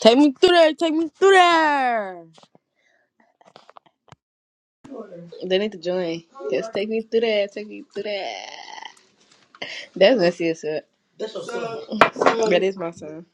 Take me through there. Take me through there. They need to join. Just take me through that. Take me through that. That's messy as fuck. That's your son. That is my son.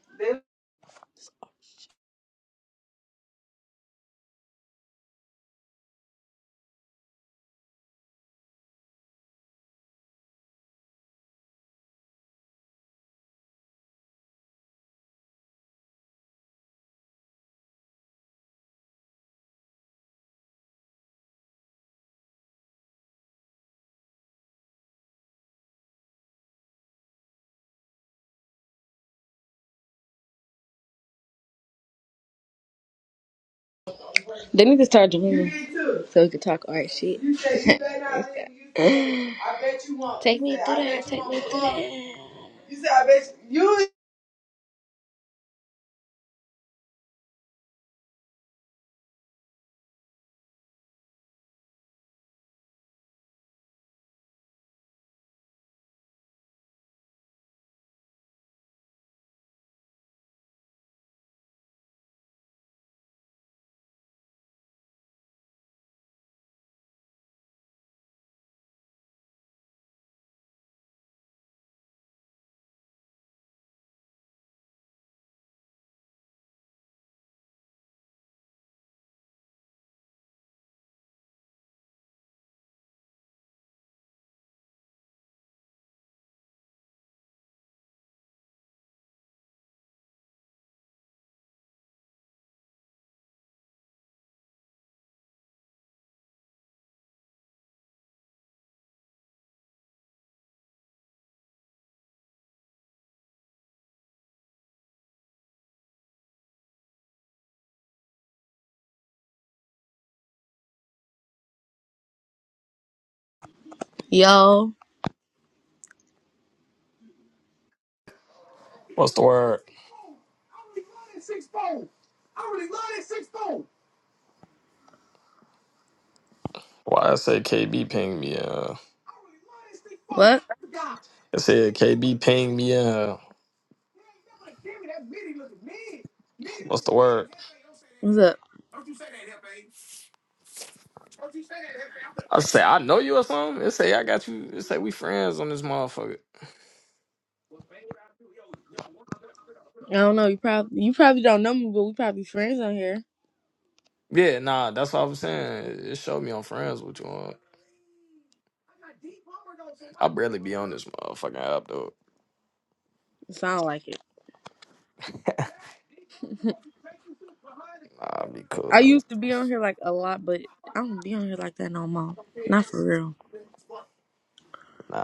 They need to start joining. So we can talk art shit. You said you bet I It's did. You said, I bet you won't. Take me through that. Take me through that. You said I bet you. Yo, What's the word? Why I say KB ping me? Uh, what? it said KB ping me. Uh, what's the word? What's up? I say I know you or something. It say I got you. It say we friends on this motherfucker. I don't know. You probably you probably don't know me, but we probably friends on here. Yeah, nah, that's what I was saying. It it showed me on friends with you on. I barely be on this motherfucking app though. It sound like it. I'll be cool, I man. used to be on here like a lot, but I don't be on here like that no more. Not for real. Nah.